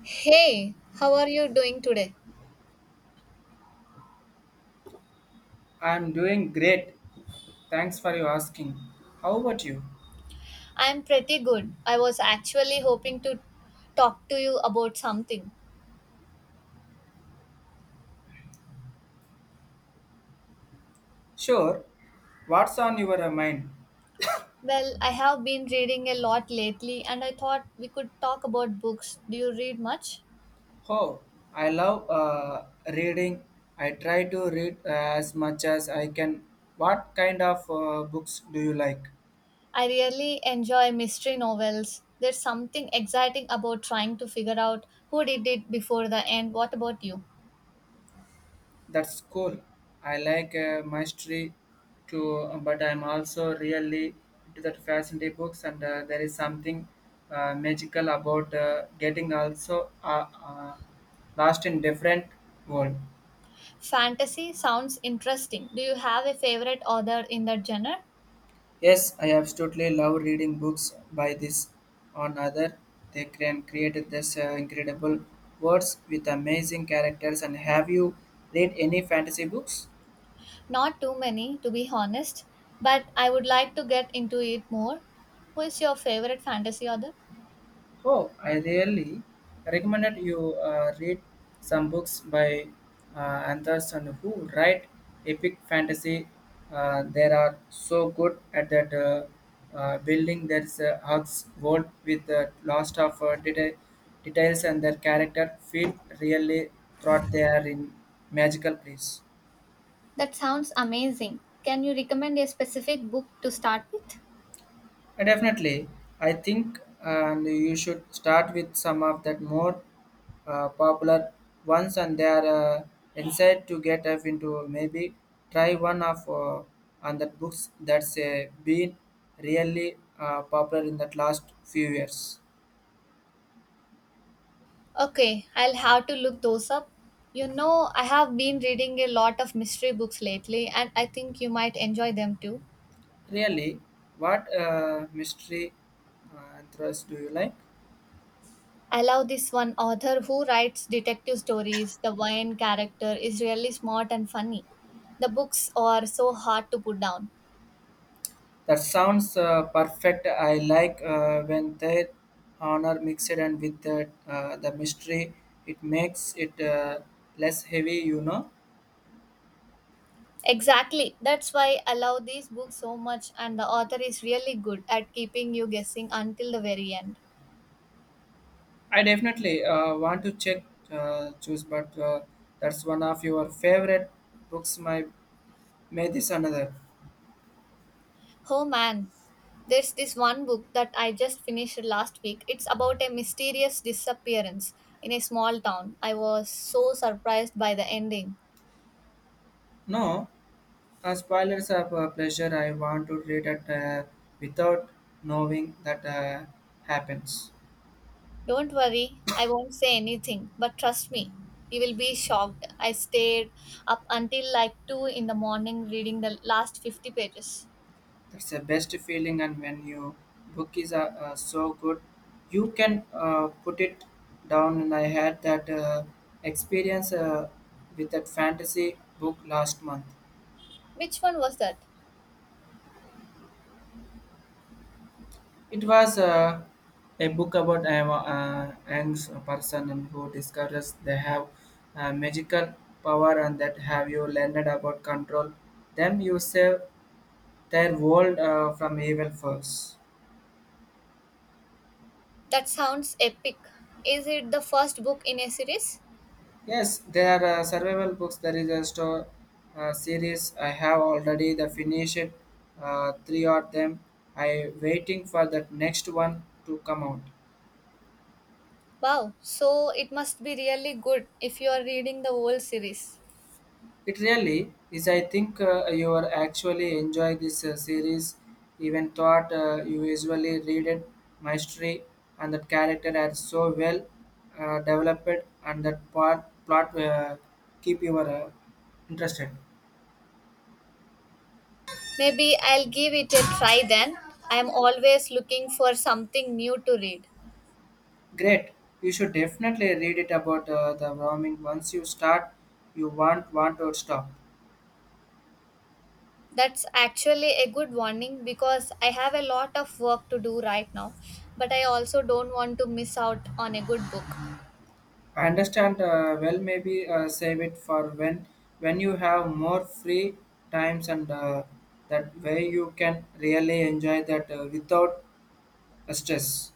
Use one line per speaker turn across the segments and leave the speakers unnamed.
Hey, how are you doing today?
I'm doing great. Thanks for your asking. How about you?
I'm pretty good. I was actually hoping to talk to you about something.
Sure. What's on your mind?
Well, I have been reading a lot lately and I thought we could talk about books. Do you read much?
Oh, I love reading. I try to read as much as I can. What kind of books do you like?
I really enjoy mystery novels. There's something exciting about trying to figure out who did it before the end. What about you?
That's cool. I like mystery too, but I'm also really into that fascinating books, and there is something magical about getting also lost in different world.
Fantasy sounds interesting. Do you have a favorite author in that genre?
Yes, I absolutely love reading books by this on other. They can create this incredible words with amazing characters. And have you read any fantasy books?
Not too many, to be honest, but I would like to get into it more. Who is your favorite fantasy author?
Oh, I really recommended you read some books by uh, authors and who write epic fantasy. They are so good at that building there's a hugs world with the lost of details and their character feel really thought they are in magical place.
That sounds amazing. Can you recommend a specific book to start with?
Definitely, I think, and you should start with some of that more popular ones, and they are inside to get up into. Maybe try one of on that books that's been really popular in the last few years.
Okay, I'll have to look those up. I have been reading a lot of mystery books lately, and I think you might enjoy them too.
Really, what mystery thrillers do you like?
I love this one author who writes detective stories. The Wayne character is really smart and funny. The books are so hard to put down.
That sounds perfect. I like when their honor mixed and with the mystery. It makes it less heavy, you know.
Exactly. That's why I love these books so much, and the author is really good at keeping you guessing until the very end.
I definitely want to check choose, but that's one of your favorite books. My may this another.
Oh man, there's this one book that I just finished last week. It's about a mysterious disappearance in a small town. I was so surprised by the ending.
No, spoilers of pleasure. I want to read it without knowing that happens.
Don't worry, I won't say anything, but trust me, you will be shocked. I stayed up until like 2 in the morning reading the last 50 pages.
That's the best feeling, and when your book is so good, you can put it down. And I had that experience with that fantasy book last month.
Which one was that?
It was a book about a angst person and who discovers they have magical power and that have you learned about control them. You save their world from evil force.
That sounds epic. Is it the first book in a series?
Yes, there are survival books. There is a store series. I have already the finished three of them. I waiting for the next one to come out.
Wow, so it must be really good if you are reading the whole series.
It really is. I think you are actually enjoy this series. Even thought you usually read it, mystery and the character are so well developed, and that part plot keep you interested.
Maybe I'll give it a try then. I am always looking for something new to read.
Great. You should definitely read it about the warming. Once you start, you won't want to stop.
That's actually a good warning because I have a lot of work to do right now, but I also don't want to miss out on a good book.
I understand well. Maybe save it for when you have more free times and that way you can really enjoy that without stress.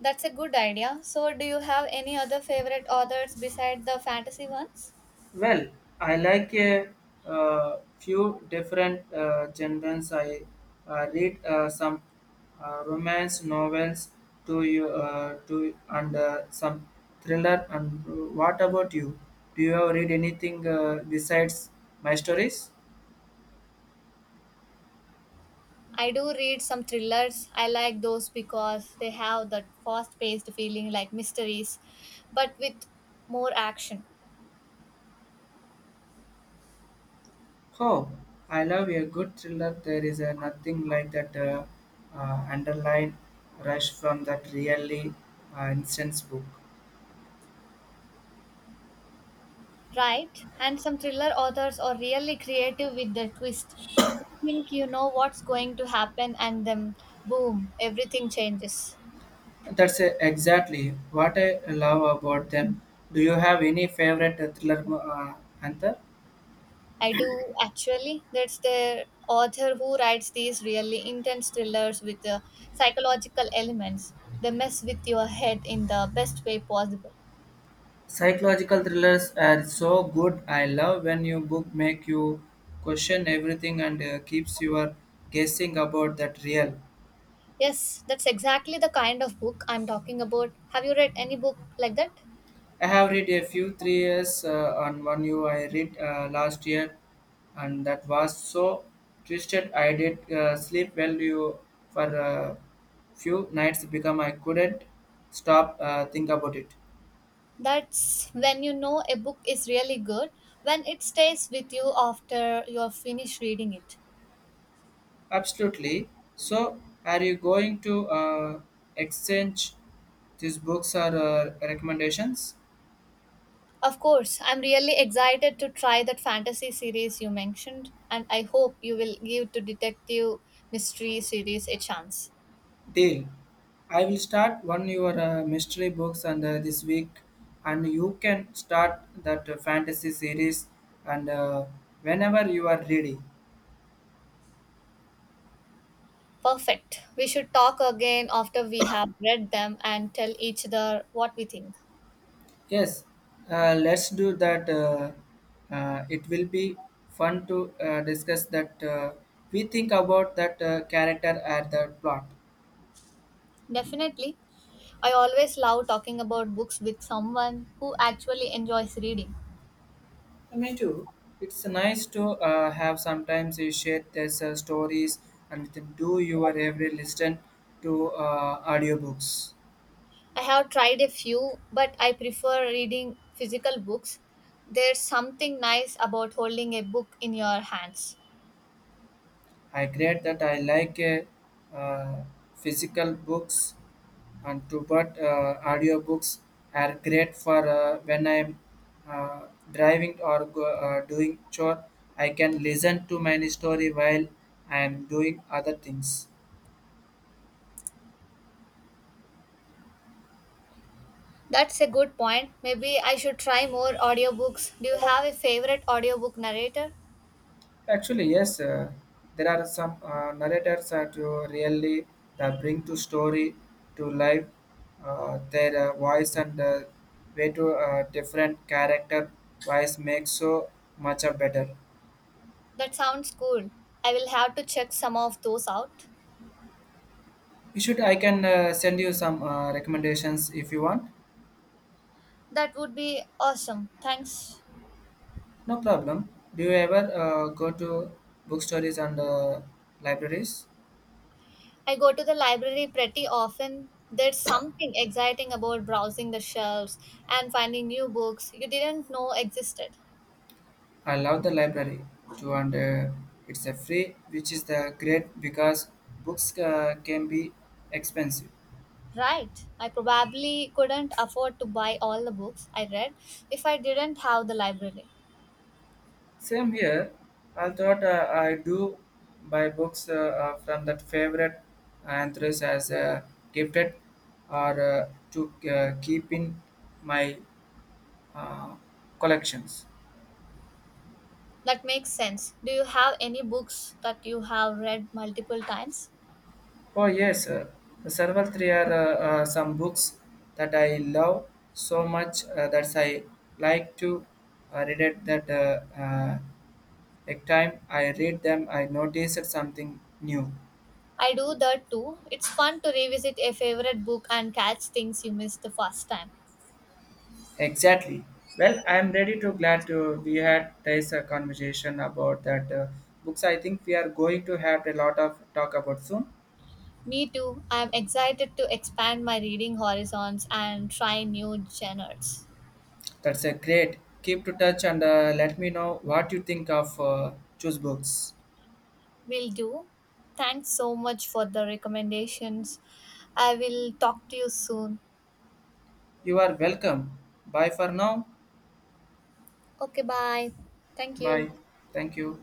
That's a good idea. So, do you have any other favorite authors besides the fantasy ones?
Well, I like a few different genres. I read some romance novels to you, to and some thriller. And what about you? Do you ever read anything besides my stories?
I do read some thrillers. I like those because they have that fast paced feeling like mysteries, but with more action,
Oh, I love a good thriller. There is nothing like that underline rush from that really intense book.
right? And some thriller authors are really creative with the twist. You think you know what's going to happen, and then boom, everything changes.
That's exactly what I love about them. Do you have any favorite thriller, Anther?
I do actually. That's the author who writes these really intense thrillers with the psychological elements. They mess with your head in the best way possible.
Psychological thrillers are so good. I love when you book make you question everything and keeps you guessing about that real.
Yes, that's exactly the kind of book I'm talking about. Have you read any book like that?
I have read a few 3 years on one you I read last year, and that was so twisted. I did sleep well you for a few nights become I couldn't stop think about it.
That's when you know a book is really good, when it stays with you after you're finished reading it.
Absolutely. So, are you going to exchange these books or recommendations?
Of course, I'm really excited to try that fantasy series you mentioned, and I hope you will give to detective mystery series a chance.
Deal. I will start one your mystery books and this week, and you can start that fantasy series and whenever you are ready.
Perfect. We should talk again after we have read them and tell each other what we think.
Yes, let's do that. It will be fun to discuss that. We think about that character and the plot.
Definitely. I always love talking about books with someone who actually enjoys reading.
Yeah, me too. It's nice to have sometimes you share these stories and then do your every listen to audiobooks.
I have tried a few, but I prefer reading physical books. There's something nice about holding a book in your hands.
I great that I like physical books and to but audiobooks are great for when I'm uh, driving or go, doing chore. I can listen to my story while I am doing other things.
That's a good point. Maybe I should try more audiobooks. Do you have a favorite audiobook narrator?
Actually, yes, there are some narrators that you really that bring to story to life their voice and way to different character voice makes so much of better.
That sounds cool. I will have to check some of those out.
You should I can send you some recommendations if you want.
That would be awesome. Thanks.
No problem. Do you ever go to bookstores and libraries?
I go to the library pretty often. There's something exciting about browsing the shelves and finding new books you didn't know existed.
I love the library too, and it's a free, which is the great because books can be expensive.
Right. I probably couldn't afford to buy all the books I read if I didn't have the library.
Same here. I thought I do buy books from that favorite authors as gifted or to keep in my uh, collections.
That makes sense. Do you have any books that you have read multiple times?
Oh yes, several three are some books that I love so much that I like to read it. That every time I read them, I noticed something new.
I do that too. It's fun to revisit a favorite book and catch things you missed the first time.
Exactly. Well, I am ready to glad to we had this conversation about that books. I think we are going to have a lot of talk about soon.
Me too. I'm excited to expand my reading horizons and try new genres.
That's a great. Keep to touch and let me know what you think of choose books.
Will do. Thanks so much for the recommendations. I will talk to you soon.
You are welcome. Bye for now.
Okay, bye. Thank you.
Bye. Thank you.